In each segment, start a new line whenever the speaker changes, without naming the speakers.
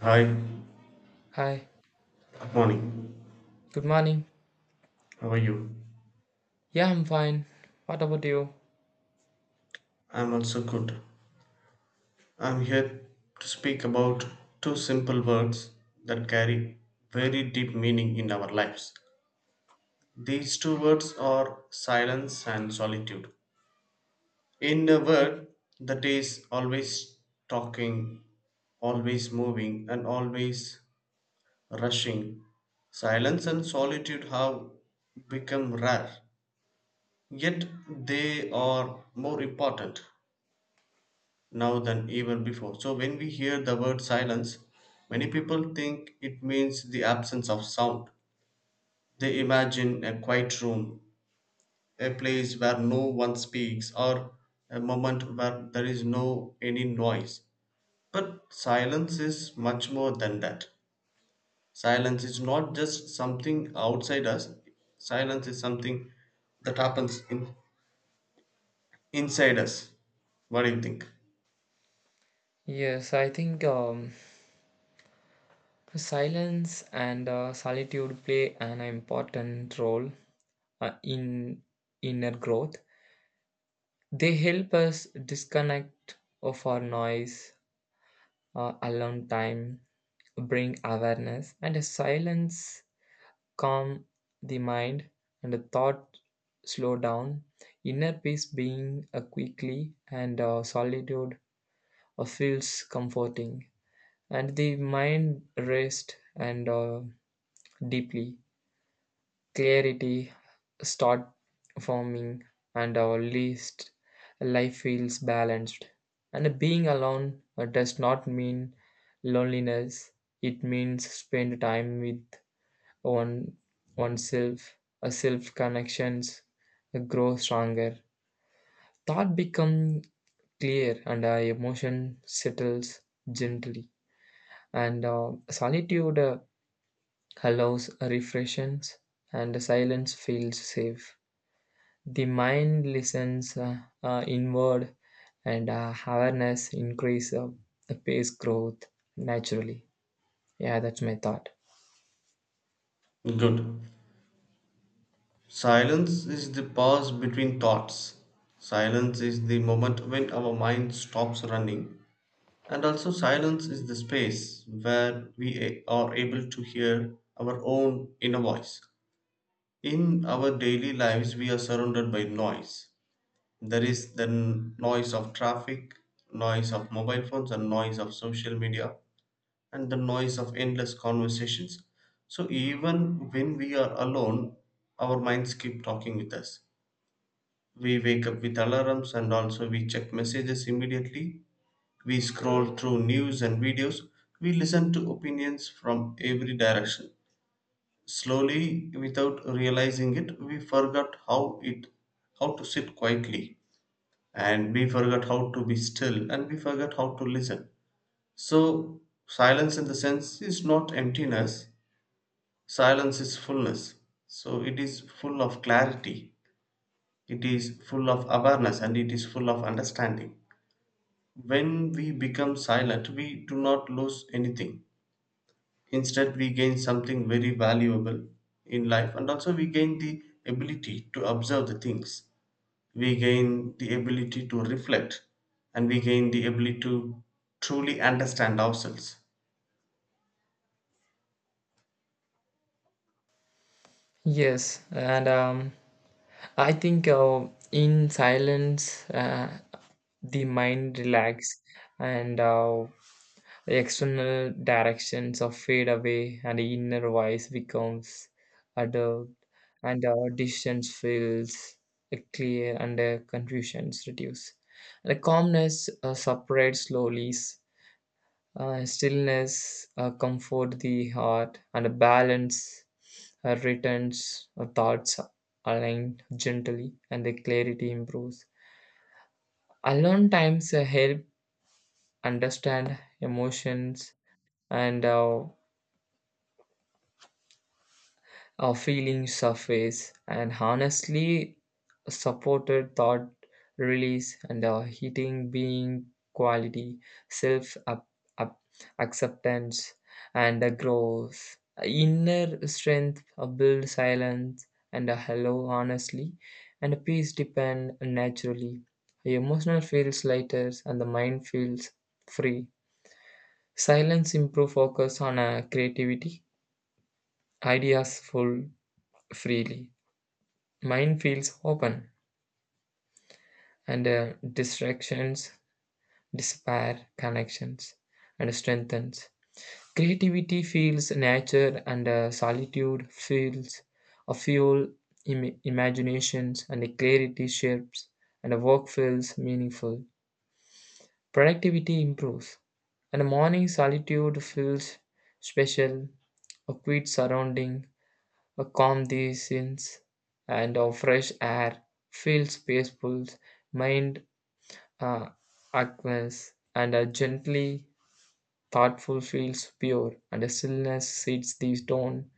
Hi,
Hi,
good morning.
good morning.
How are you?
Yeah, I'm fine. What about you?
I'm also good. I'm here to speak about two simple words that carry very deep meaning in our lives. These two words are silence and solitude. In a world that is always talking, always moving, and always rushing, silence and solitude have become rare, yet they are more important now than ever before. So, when we hear the word silence, many people think it means the absence of sound. They imagine a quiet room, a place where no one speaks, or a moment where there is no any noise. But silence is much more than that. Silence is not just something outside us, silence is something that happens inside us. What do you think?
Yes, I think silence and solitude play an important role in inner growth. They help us disconnect of our noise, alone time, bring awareness, and a silence calm the mind and the thought slow down. Inner peace being a quickly and solitude feels comforting and the mind rests and deeply clarity start forming and our least life feels balanced and being alone does not mean loneliness, it means spend time with one oneself, a self connections grow stronger, thought become clear and our emotion settles gently and solitude allows refreshments and silence feels safe, the mind listens inward and awareness increase, the pace growth naturally. Yeah, that's my thought.
Good. Silence is the pause between thoughts. Silence is the moment when our mind stops running. And also, silence is the space where we are able to hear our own inner voice. In our daily lives, we are surrounded by noise. There is the noise of traffic, noise of mobile phones, and noise of social media, and the noise of endless conversations. So, even when we are alone, our minds keep talking with us. We wake up with alarms, and also we check messages immediately. We scroll through news and videos. We listen to opinions from every direction. Slowly, without realizing it, we forgot how it how to sit quietly, and we forgot how to be still, and we forgot how to listen. So silence in the sense is not emptiness. Silence is fullness. So it is full of clarity. It is full of awareness, and it is full of understanding. When we become silent, we do not lose anything. Instead, we gain something very valuable in life, and also we gain the ability to observe the things. We gain the ability to reflect, and we gain the ability to truly understand ourselves.
Yes, and I think in silence, the mind relax and the external directions are fade away, and the inner voice becomes adult, and our distance feels clear, and the confusions reduce. The calmness separates slowly, stillness comfort the heart, and a balance. Her returns her thoughts align gently and the clarity improves. Alone times help understand emotions and feeling surface and honestly supported thought release and heating being quality self up, up, acceptance and growth, inner strength build silence and a hello honestly and a peace depend naturally, emotional feels lighter and the mind feels free. Silence improve focus on creativity, ideas full freely. Mind feels open, and distractions despair connections and strengthens. Creativity feels nature, and solitude feels a fuel. Imaginations, and clarity shapes, and work feels meaningful. Productivity improves, and morning solitude feels special. A quiet surrounding, a calm these sins, and a fresh air feels peaceful. Mind ah, Agnes, and a gently thoughtful feels pure, and a stillness sets the tone.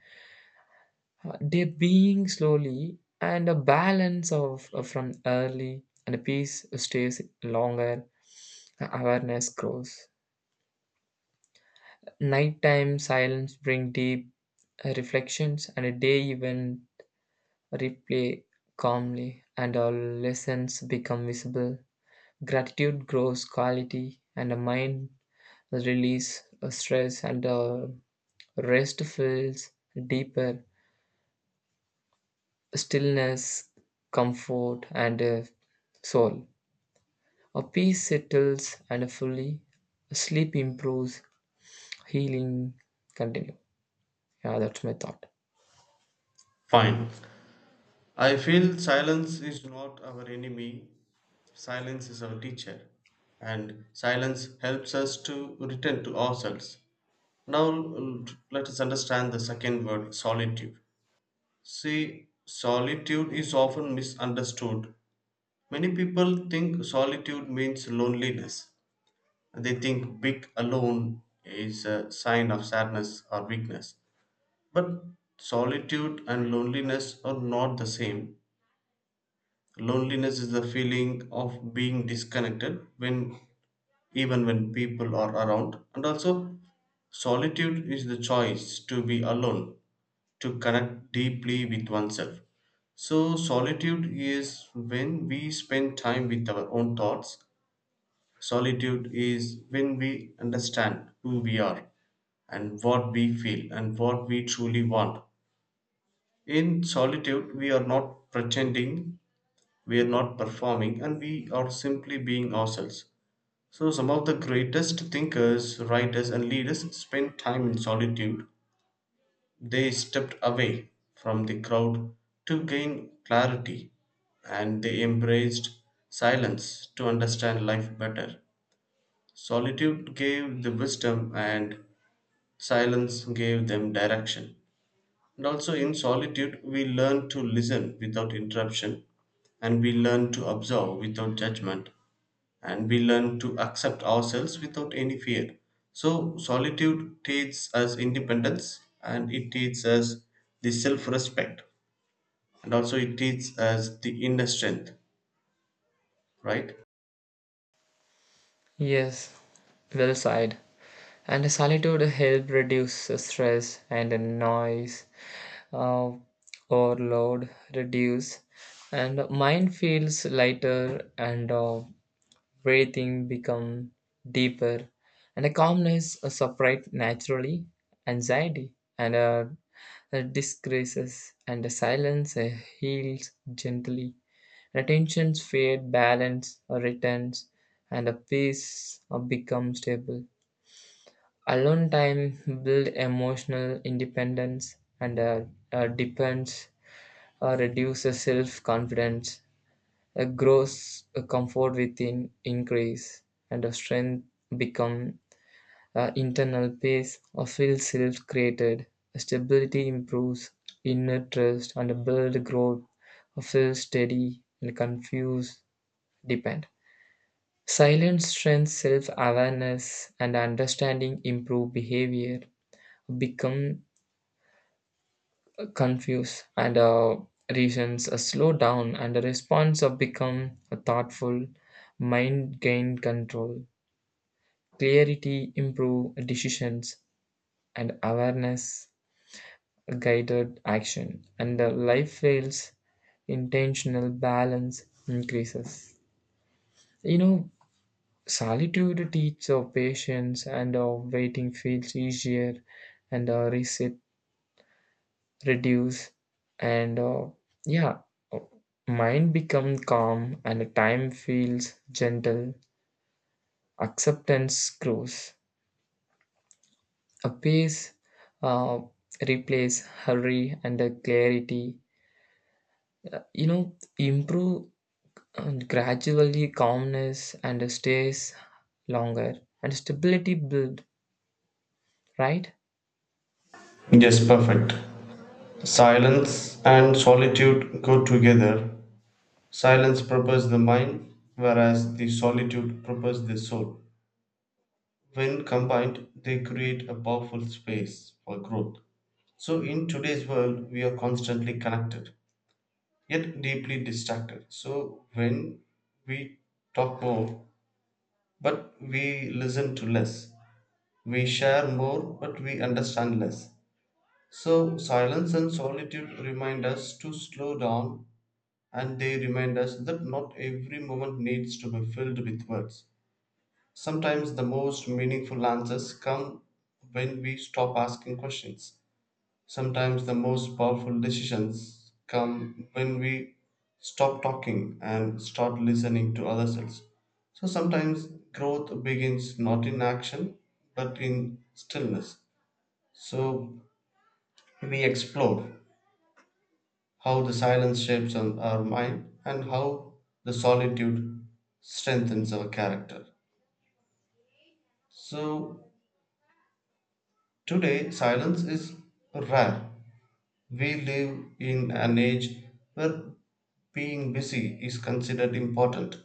They being slowly, and a balance of from early, and a peace stays longer. Awareness grows. Nighttime silence bring deep reflections, and a day even replay calmly, and all lessons become visible. Gratitude grows quality, and the mind release stress and rest feels deeper, stillness comfort and soul, a peace settles and fully sleep improves, healing continue. Yeah, that's my thought.
Fine. I feel silence is not our enemy, silence is our teacher, and silence helps us to return to ourselves. Now, let us understand the second word solitude. See, solitude is often misunderstood. Many people think solitude means loneliness. They think being alone is a sign of sadness or weakness. But solitude and loneliness are not the same. Loneliness is the feeling of being disconnected when even when people are around, and also solitude is the choice to be alone, to connect deeply with oneself. So solitude is when we spend time with our own thoughts. Solitude is when we understand who we are and what we feel and what we truly want. In solitude, we are not pretending, we are not performing, and we are simply being ourselves. So, some of the greatest thinkers, writers, and leaders spent time in solitude. They stepped away from the crowd to gain clarity, and they embraced silence to understand life better. Solitude gave the wisdom, and silence gave them direction. And also, in solitude, we learn to listen without interruption, and we learn to observe without judgment, and we learn to accept ourselves without any fear. So, solitude teaches us independence, and it teaches us the self respect, and also it teaches us the inner strength, right?
Yes, well side, and solitude help reduce the stress and the noise uh, overload reduce and mind feels lighter and breathing become deeper, and a calmness separate naturally, anxiety and disgraces, and a silence heals gently. Attention's fade, balance returns, and a peace becomes stable. Alone time build emotional independence and depends or reduces self confidence, a grows a comfort within increase, and a strength become a internal peace or feel self created. Stability improves inner trust and a build growth or feel steady and confused depend. Silence strengthens self awareness and understanding improve behavior become confuse and reasons slow down and the response of become a thoughtful, mind gain control, clarity improve decisions and awareness guided action and the life fails intentional balance increases, you know, solitude teaches of patience and of waiting feels easier and reset reduce and yeah, uh, mind become calm and the time feels gentle, acceptance grows, a pace uh, replace hurry and the clarity, you know, improve and gradually calmness and stays longer and stability build, right?
Yes, perfect. Silence and solitude go together. Silence prepares the mind, whereas the solitude prepares the soul. When combined, they create a powerful space for growth. So, in today's world, we are constantly connected, yet deeply distracted. So when we talk more, but we listen to less. We share more, but we understand less. So silence and solitude remind us to slow down, and they remind us that not every moment needs to be filled with words. Sometimes the most meaningful answers come when we stop asking questions. Sometimes the most powerful decisions come when we stop talking and start listening to ourselves. So sometimes growth begins not in action but in stillness. So we explore how the silence shapes on our mind and how the solitude strengthens our character. So today silence is rare. We live in an age where being busy is considered important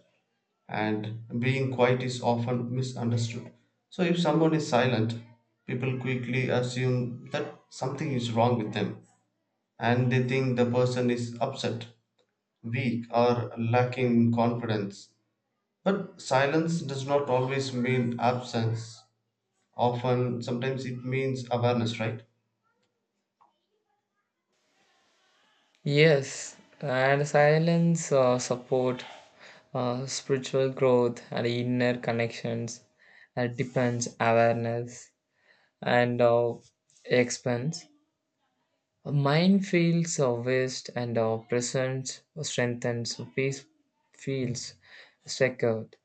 and being quiet is often misunderstood. So, if someone is silent, people quickly assume that something is wrong with them, and they think the person is upset, weak, or lacking in confidence. But silence does not always mean absence. Often, sometimes it means awareness, right?
Yes, and silence support spiritual growth and inner connections, depends awareness and expense. Mind feels waste and presence strengthens. Peace feels secured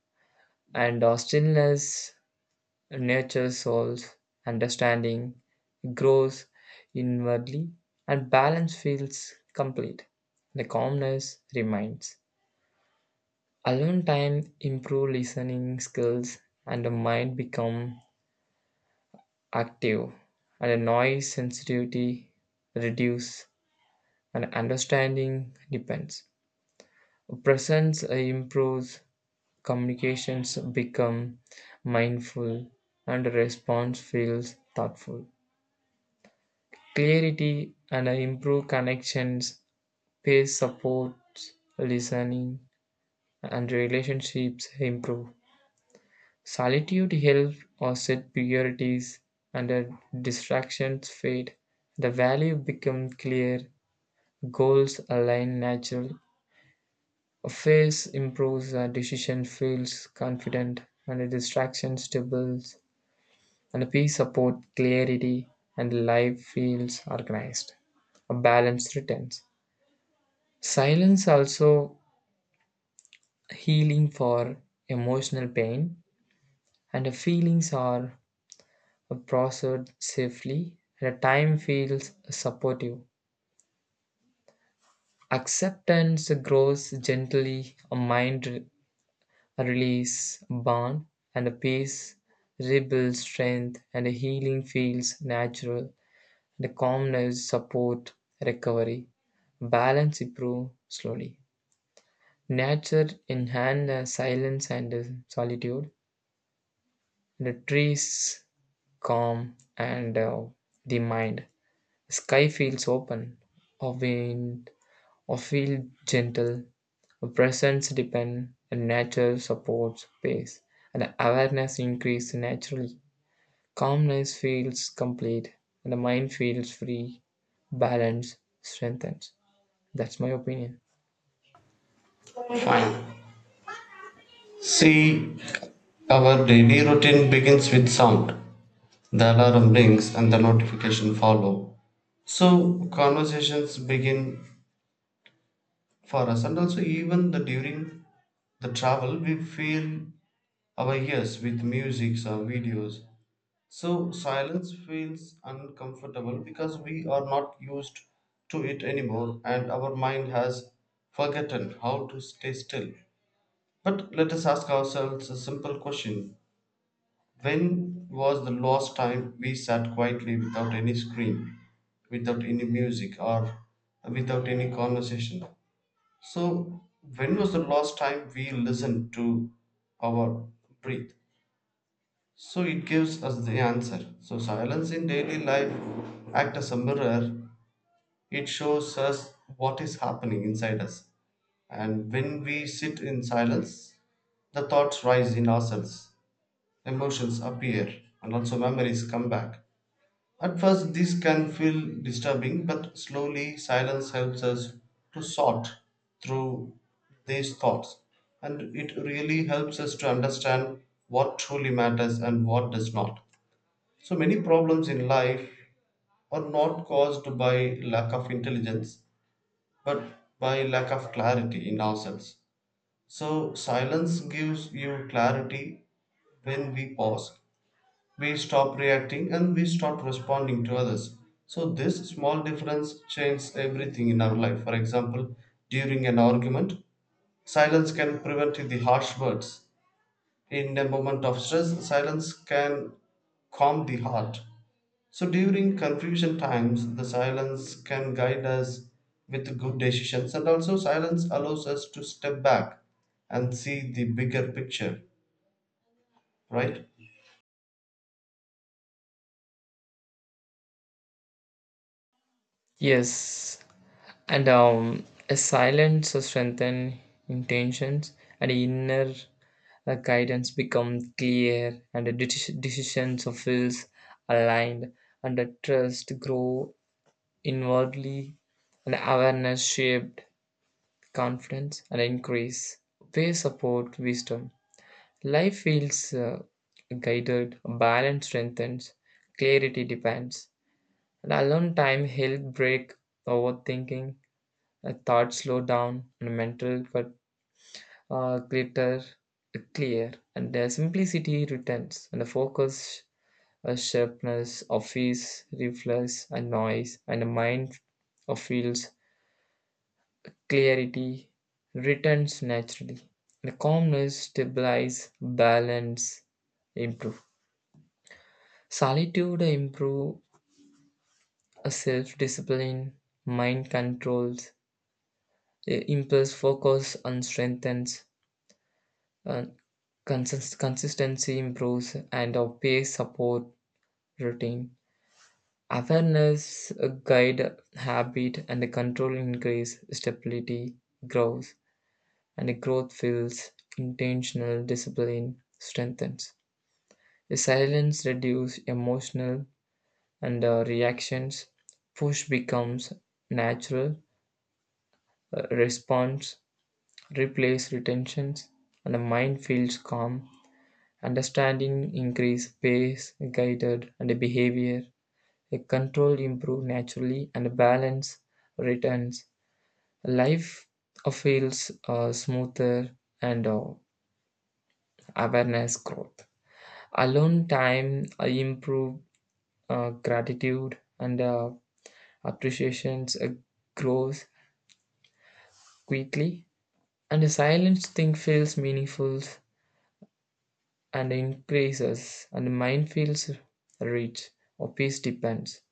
and stillness nature, soul's understanding grows inwardly, and balance feels complete. The calmness remains. Alone time improve listening skills, and the mind become active, and the noise sensitivity reduce, and understanding depends. Presence improves, communications become mindful, and response feels thoughtful. Clarity and improve connections, peer supports, listening, and relationships improve. Solitude helps or set priorities and the distractions fade. The value becomes clear, goals align natural. A phase improves, a decision feels confident, and a distraction stables, and a peace support clarity, and life feels organized. A balance returns. Silence also healing for emotional pain and the feelings are processed safely and the time feels supportive. Acceptance grows gently, a release bond and a peace rebuilds strength and the healing feels natural. The calmness support recovery. Balance improve slowly. Nature enhance the silence and the solitude. The trees calm and the mind. Sky feels open, a wind, a feel gentle, a presence depend, and nature supports pace, and the awareness increases naturally. Calmness feels complete, and the mind feels free, balance strengthens. That's my opinion.
Fine. See, our daily routine begins with sound. The alarm rings and the notification follow. So conversations begin for us, and also even the during the travel we fill our ears with music or videos. So silence feels uncomfortable because we are not used to it anymore, and our mind has forgotten how to stay still. But let us ask ourselves a simple question. When was the last time we sat quietly without any scream, without any music, or without any conversation? So, when was the last time we listened to our breath? So, it gives us the answer. So, silence in daily life acts as a mirror, it shows us what is happening inside us. And when we sit in silence, the thoughts rise in ourselves, emotions appear, and also memories come back. At first, this can feel disturbing, but slowly silence helps us to sort through these thoughts. And it really helps us to understand what truly matters and what does not. So, many problems in life are not caused by lack of intelligence, but by lack of clarity in ourselves. So, silence gives you clarity. When we pause, we stop reacting and we start responding to others. So, this small difference changes everything in our life. For example, during an argument, silence can prevent the harsh words. In a moment of stress, silence can calm the heart. So, during confusion times, the silence can guide us with good decisions, and also, silence allows us to step back and see the bigger picture, right?
Yes, and a silence strengthens intentions, and inner guidance becomes clear, and the decisions of feels aligned, and the trust grow inwardly, and awareness shaped confidence and increase. They support wisdom. Life feels guided, balance strengthens, clarity depends, and alone time help break overthinking, thoughts slow down and mental cut, glitter clear, and their simplicity returns, and the focus, sharpness, office, reflex, and noise, and the mind of feels clarity returns naturally. The calmness stabilize, balance improve. Solitude improve self-discipline, mind controls, impulse focus and strengthens. Uh, Consistency improves and our pace support routine. Awareness guide habit and the control increase stability grows and the growth feels intentional, discipline strengthens. The silence reduce emotional and reactions. Push becomes natural, response replace retentions and the mind feels calm. Understanding increase pace, guided, and behavior. A control improve naturally, and balance returns. Life feels smoother, and awareness growth. Alone time improve gratitude, and appreciations grows quickly. And the silence thing feels meaningful and increases, and the mind feels rich or peace depends.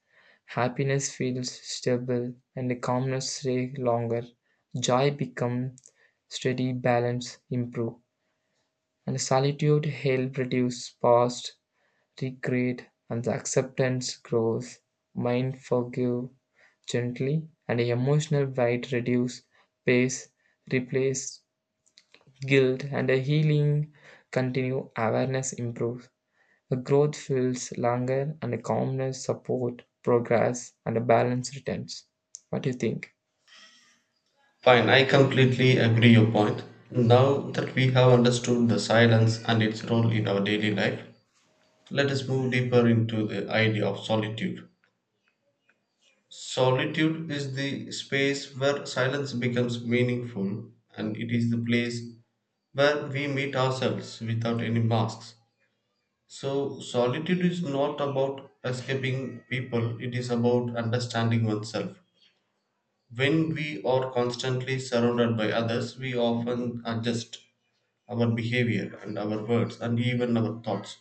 Happiness feels stable and calmness stays longer. Joy becomes steady, balance improve and solitude help reduce past regret, and the acceptance grows. Mind forgive gently, and emotional weight reduce, pace replace guilt, and a healing continue. Awareness improves. The growth feels longer and the calmness support progress and a balance returns. What do you think?
Fine, I completely agree your point. Now that we have understood the silence and its role in our daily life, let us move deeper into the idea of solitude. Solitude is the space where silence becomes meaningful, and it is the place where we meet ourselves without any masks. So, solitude is not about escaping people, it is about understanding oneself. When we are constantly surrounded by others, we often adjust our behavior and our words and even our thoughts.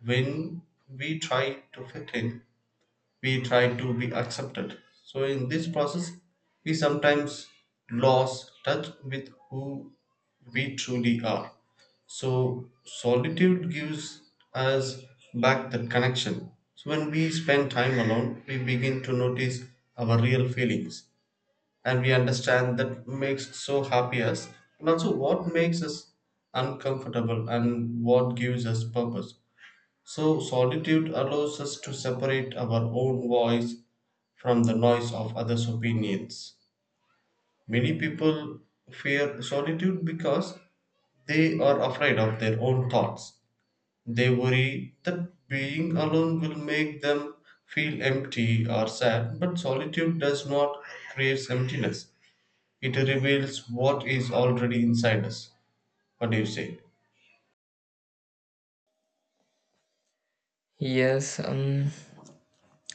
When we try to fit in, we try to be accepted. So, in this process, we sometimes lose touch with who we truly are. So, solitude gives us back that connection. So, when we spend time alone, we begin to notice our real feelings, and we understand that makes so happy us, and also what makes us uncomfortable, and what gives us purpose. So solitude allows us to separate our own voice from the noise of others opinions. Many people fear solitude because they are afraid of their own thoughts. They worry that being alone will make them feel empty or sad, but solitude does not create emptiness, it reveals what is already inside us. What do you say?
Yes,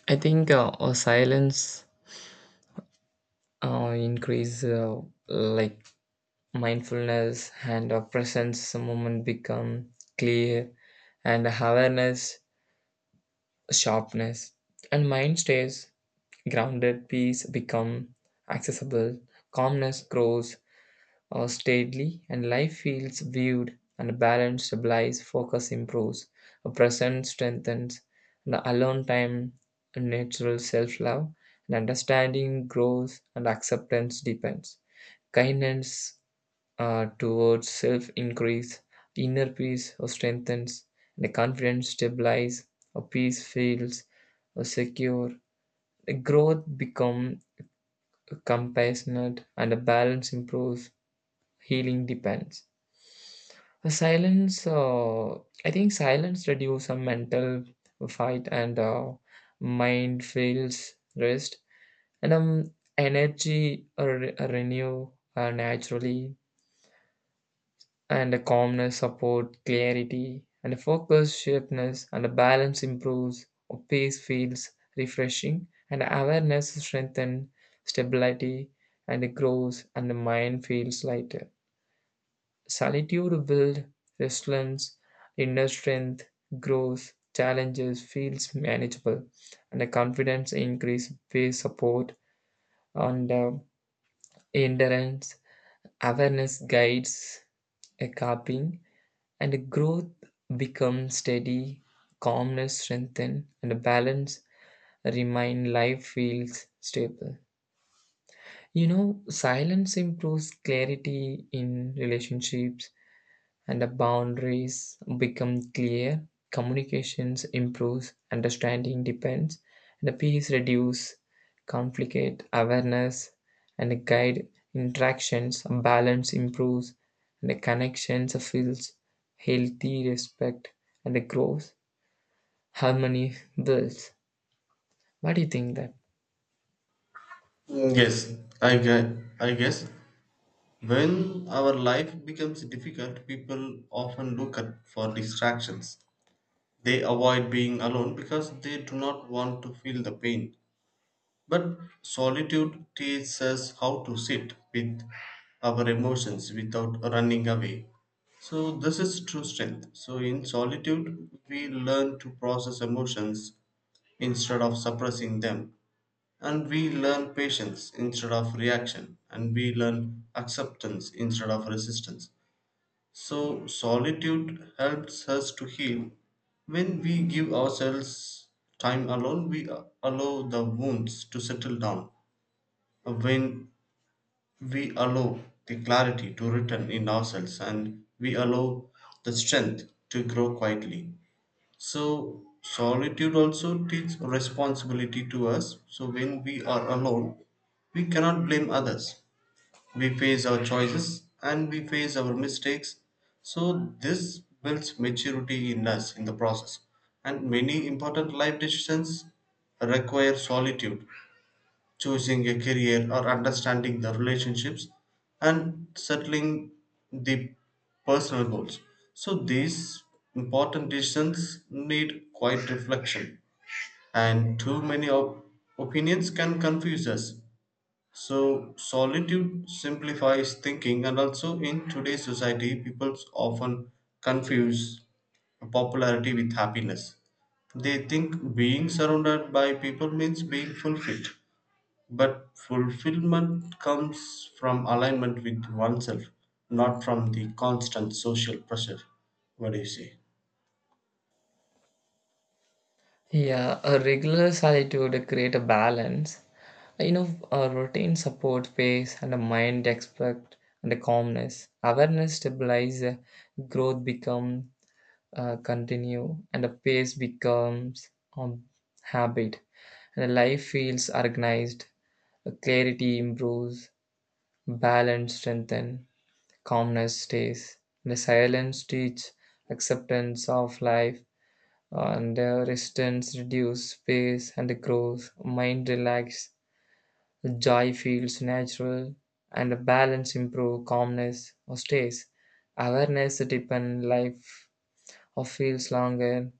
I think silence increase like mindfulness and presence moment become clear and awareness sharpness and mind stays grounded, peace become accessible, calmness grows or stately, and life feels viewed and balance stabilized, focus improves, a present strengthens, and alone time a natural self love, and understanding grows and acceptance deepens. Kindness towards self increase, inner peace or strengthens, and the confidence stabilizes, or peace feels or secure. The growth become compassionate and the balance improves, healing depends. The silence, I think silence reduces some mental fight and mind feels rest and energy renew naturally and the calmness support clarity and the focus sharpness and the balance improves or peace feels refreshing and awareness strengthen stability and it grows and the mind feels lighter. Solitude builds resilience, inner strength grows, challenges feels manageable, and the confidence increase peer support and endurance. Awareness guides a coping, and the growth becomes steady, calmness strengthen, and the balance remain. Life feels stable. You know, silence improves clarity in relationships and the boundaries become clear, communications improves, understanding depends, and the peace reduce, conflict awareness, and the guide interactions, balance improves, and the connections feels healthy, respect, and the growth, harmony builds. What do you think that?
Yes, I guess, I guess when our life becomes difficult, people often look at for distractions. They avoid being alone because they do not want to feel the pain. But solitude teaches us how to sit with our emotions without running away. So this is true strength. So in solitude, we learn to process emotions instead of suppressing them. And we learn patience instead of reaction, and we learn acceptance instead of resistance. So, solitude helps us to heal. When we give ourselves time alone, we allow the wounds to settle down. When we allow the clarity to return in ourselves, and we allow the strength to grow quietly. So, solitude also teaches responsibility to us. So, when we are alone, we cannot blame others. We face our choices and we face our mistakes. So, this builds maturity in us in the process. And many important life decisions require solitude, choosing a career or understanding the relationships and settling the personal goals. So these important decisions need quite reflection, and too many opinions can confuse us. So solitude simplifies thinking, and also in today's society people often confuse popularity with happiness. They think being surrounded by people means being fulfilled. But fulfillment comes from alignment with oneself, not from the constant social pressure. What do you say?
Yeah, a regular solitude create a balance. You know, a routine support pace and a mind expect and a calmness. Awareness stabilize, growth become continue, and a pace becomes um, habit. And the life feels organized. The clarity improves, balance strengthen, calmness stays. The silence teach acceptance of life and the resistance reduce space and the growth mind relax, joy feels natural and the balance improve, calmness or stays, awareness deepen life or feels longer,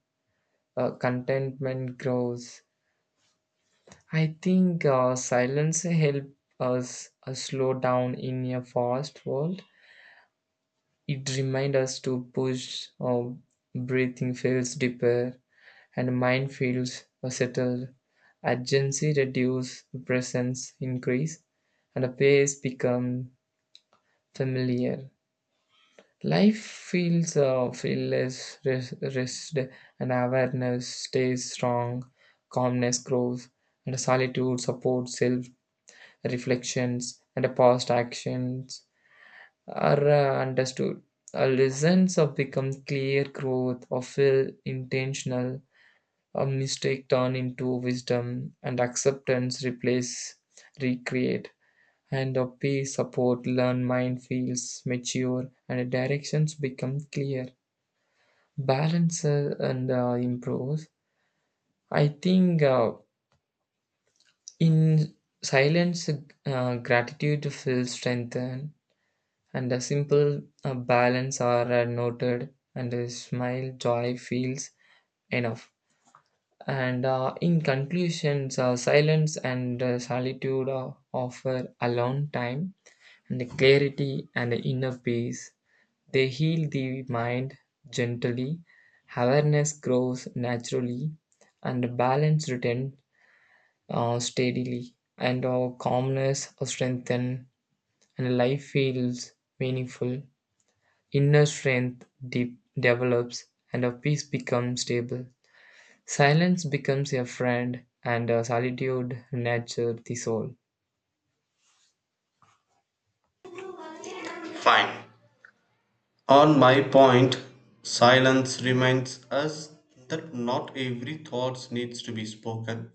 contentment grows. I think silence help us slow down in a fast world, it reminds us to push or breathing feels deeper and minefields are settled, urgency reduces, presence increase, and the pace become familiar. Life feels rest, and awareness stays strong, calmness grows, and solitude supports self reflections, and past actions are understood. Our lessons of become clear, growth or feel intentional. A mistake turn into wisdom and acceptance replace recreate and a peace support learn, mind feels mature and directions become clear, balance and improves. I think in silence gratitude feels strengthened and a simple balance are noted and a smile joy feels enough. And in conclusions, silence and solitude offer alone time and the clarity and the inner peace. They heal the mind gently, awareness grows naturally, and balance returns steadily, and our calmness strengthens, and life feels meaningful. Inner strength develops, and our peace becomes stable. Silence becomes your friend, and solitude nurtures the soul.
Fine. On my point, silence reminds us that not every thought needs to be spoken.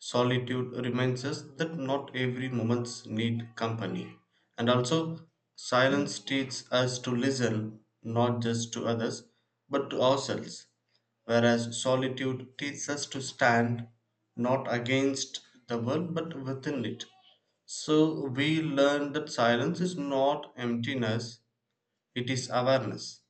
Solitude reminds us that not every moment need company. And also, silence teaches us to listen not just to others but to ourselves, whereas solitude teaches us to stand not against the world but within it. So, we learn that silence is not emptiness, it is awareness.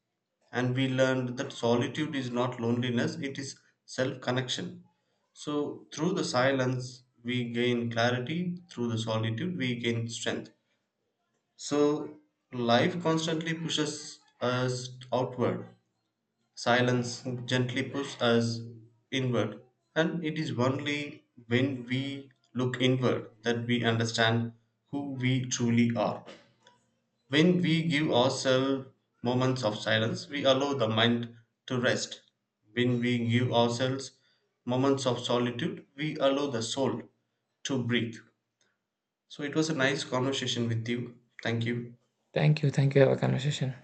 And we learned that solitude is not loneliness, it is self connection. So, through the silence, we gain clarity, through the solitude, we gain strength. So, life constantly pushes us outward, silence gently pushes us inward. And it is only when we look inward that we understand who we truly are. When we give ourselves moments of silence, we allow the mind to rest. When we give ourselves moments of solitude, we allow the soul to breathe. So it was a nice conversation with you. Thank you.
Thank you. Thank you. Have a conversation.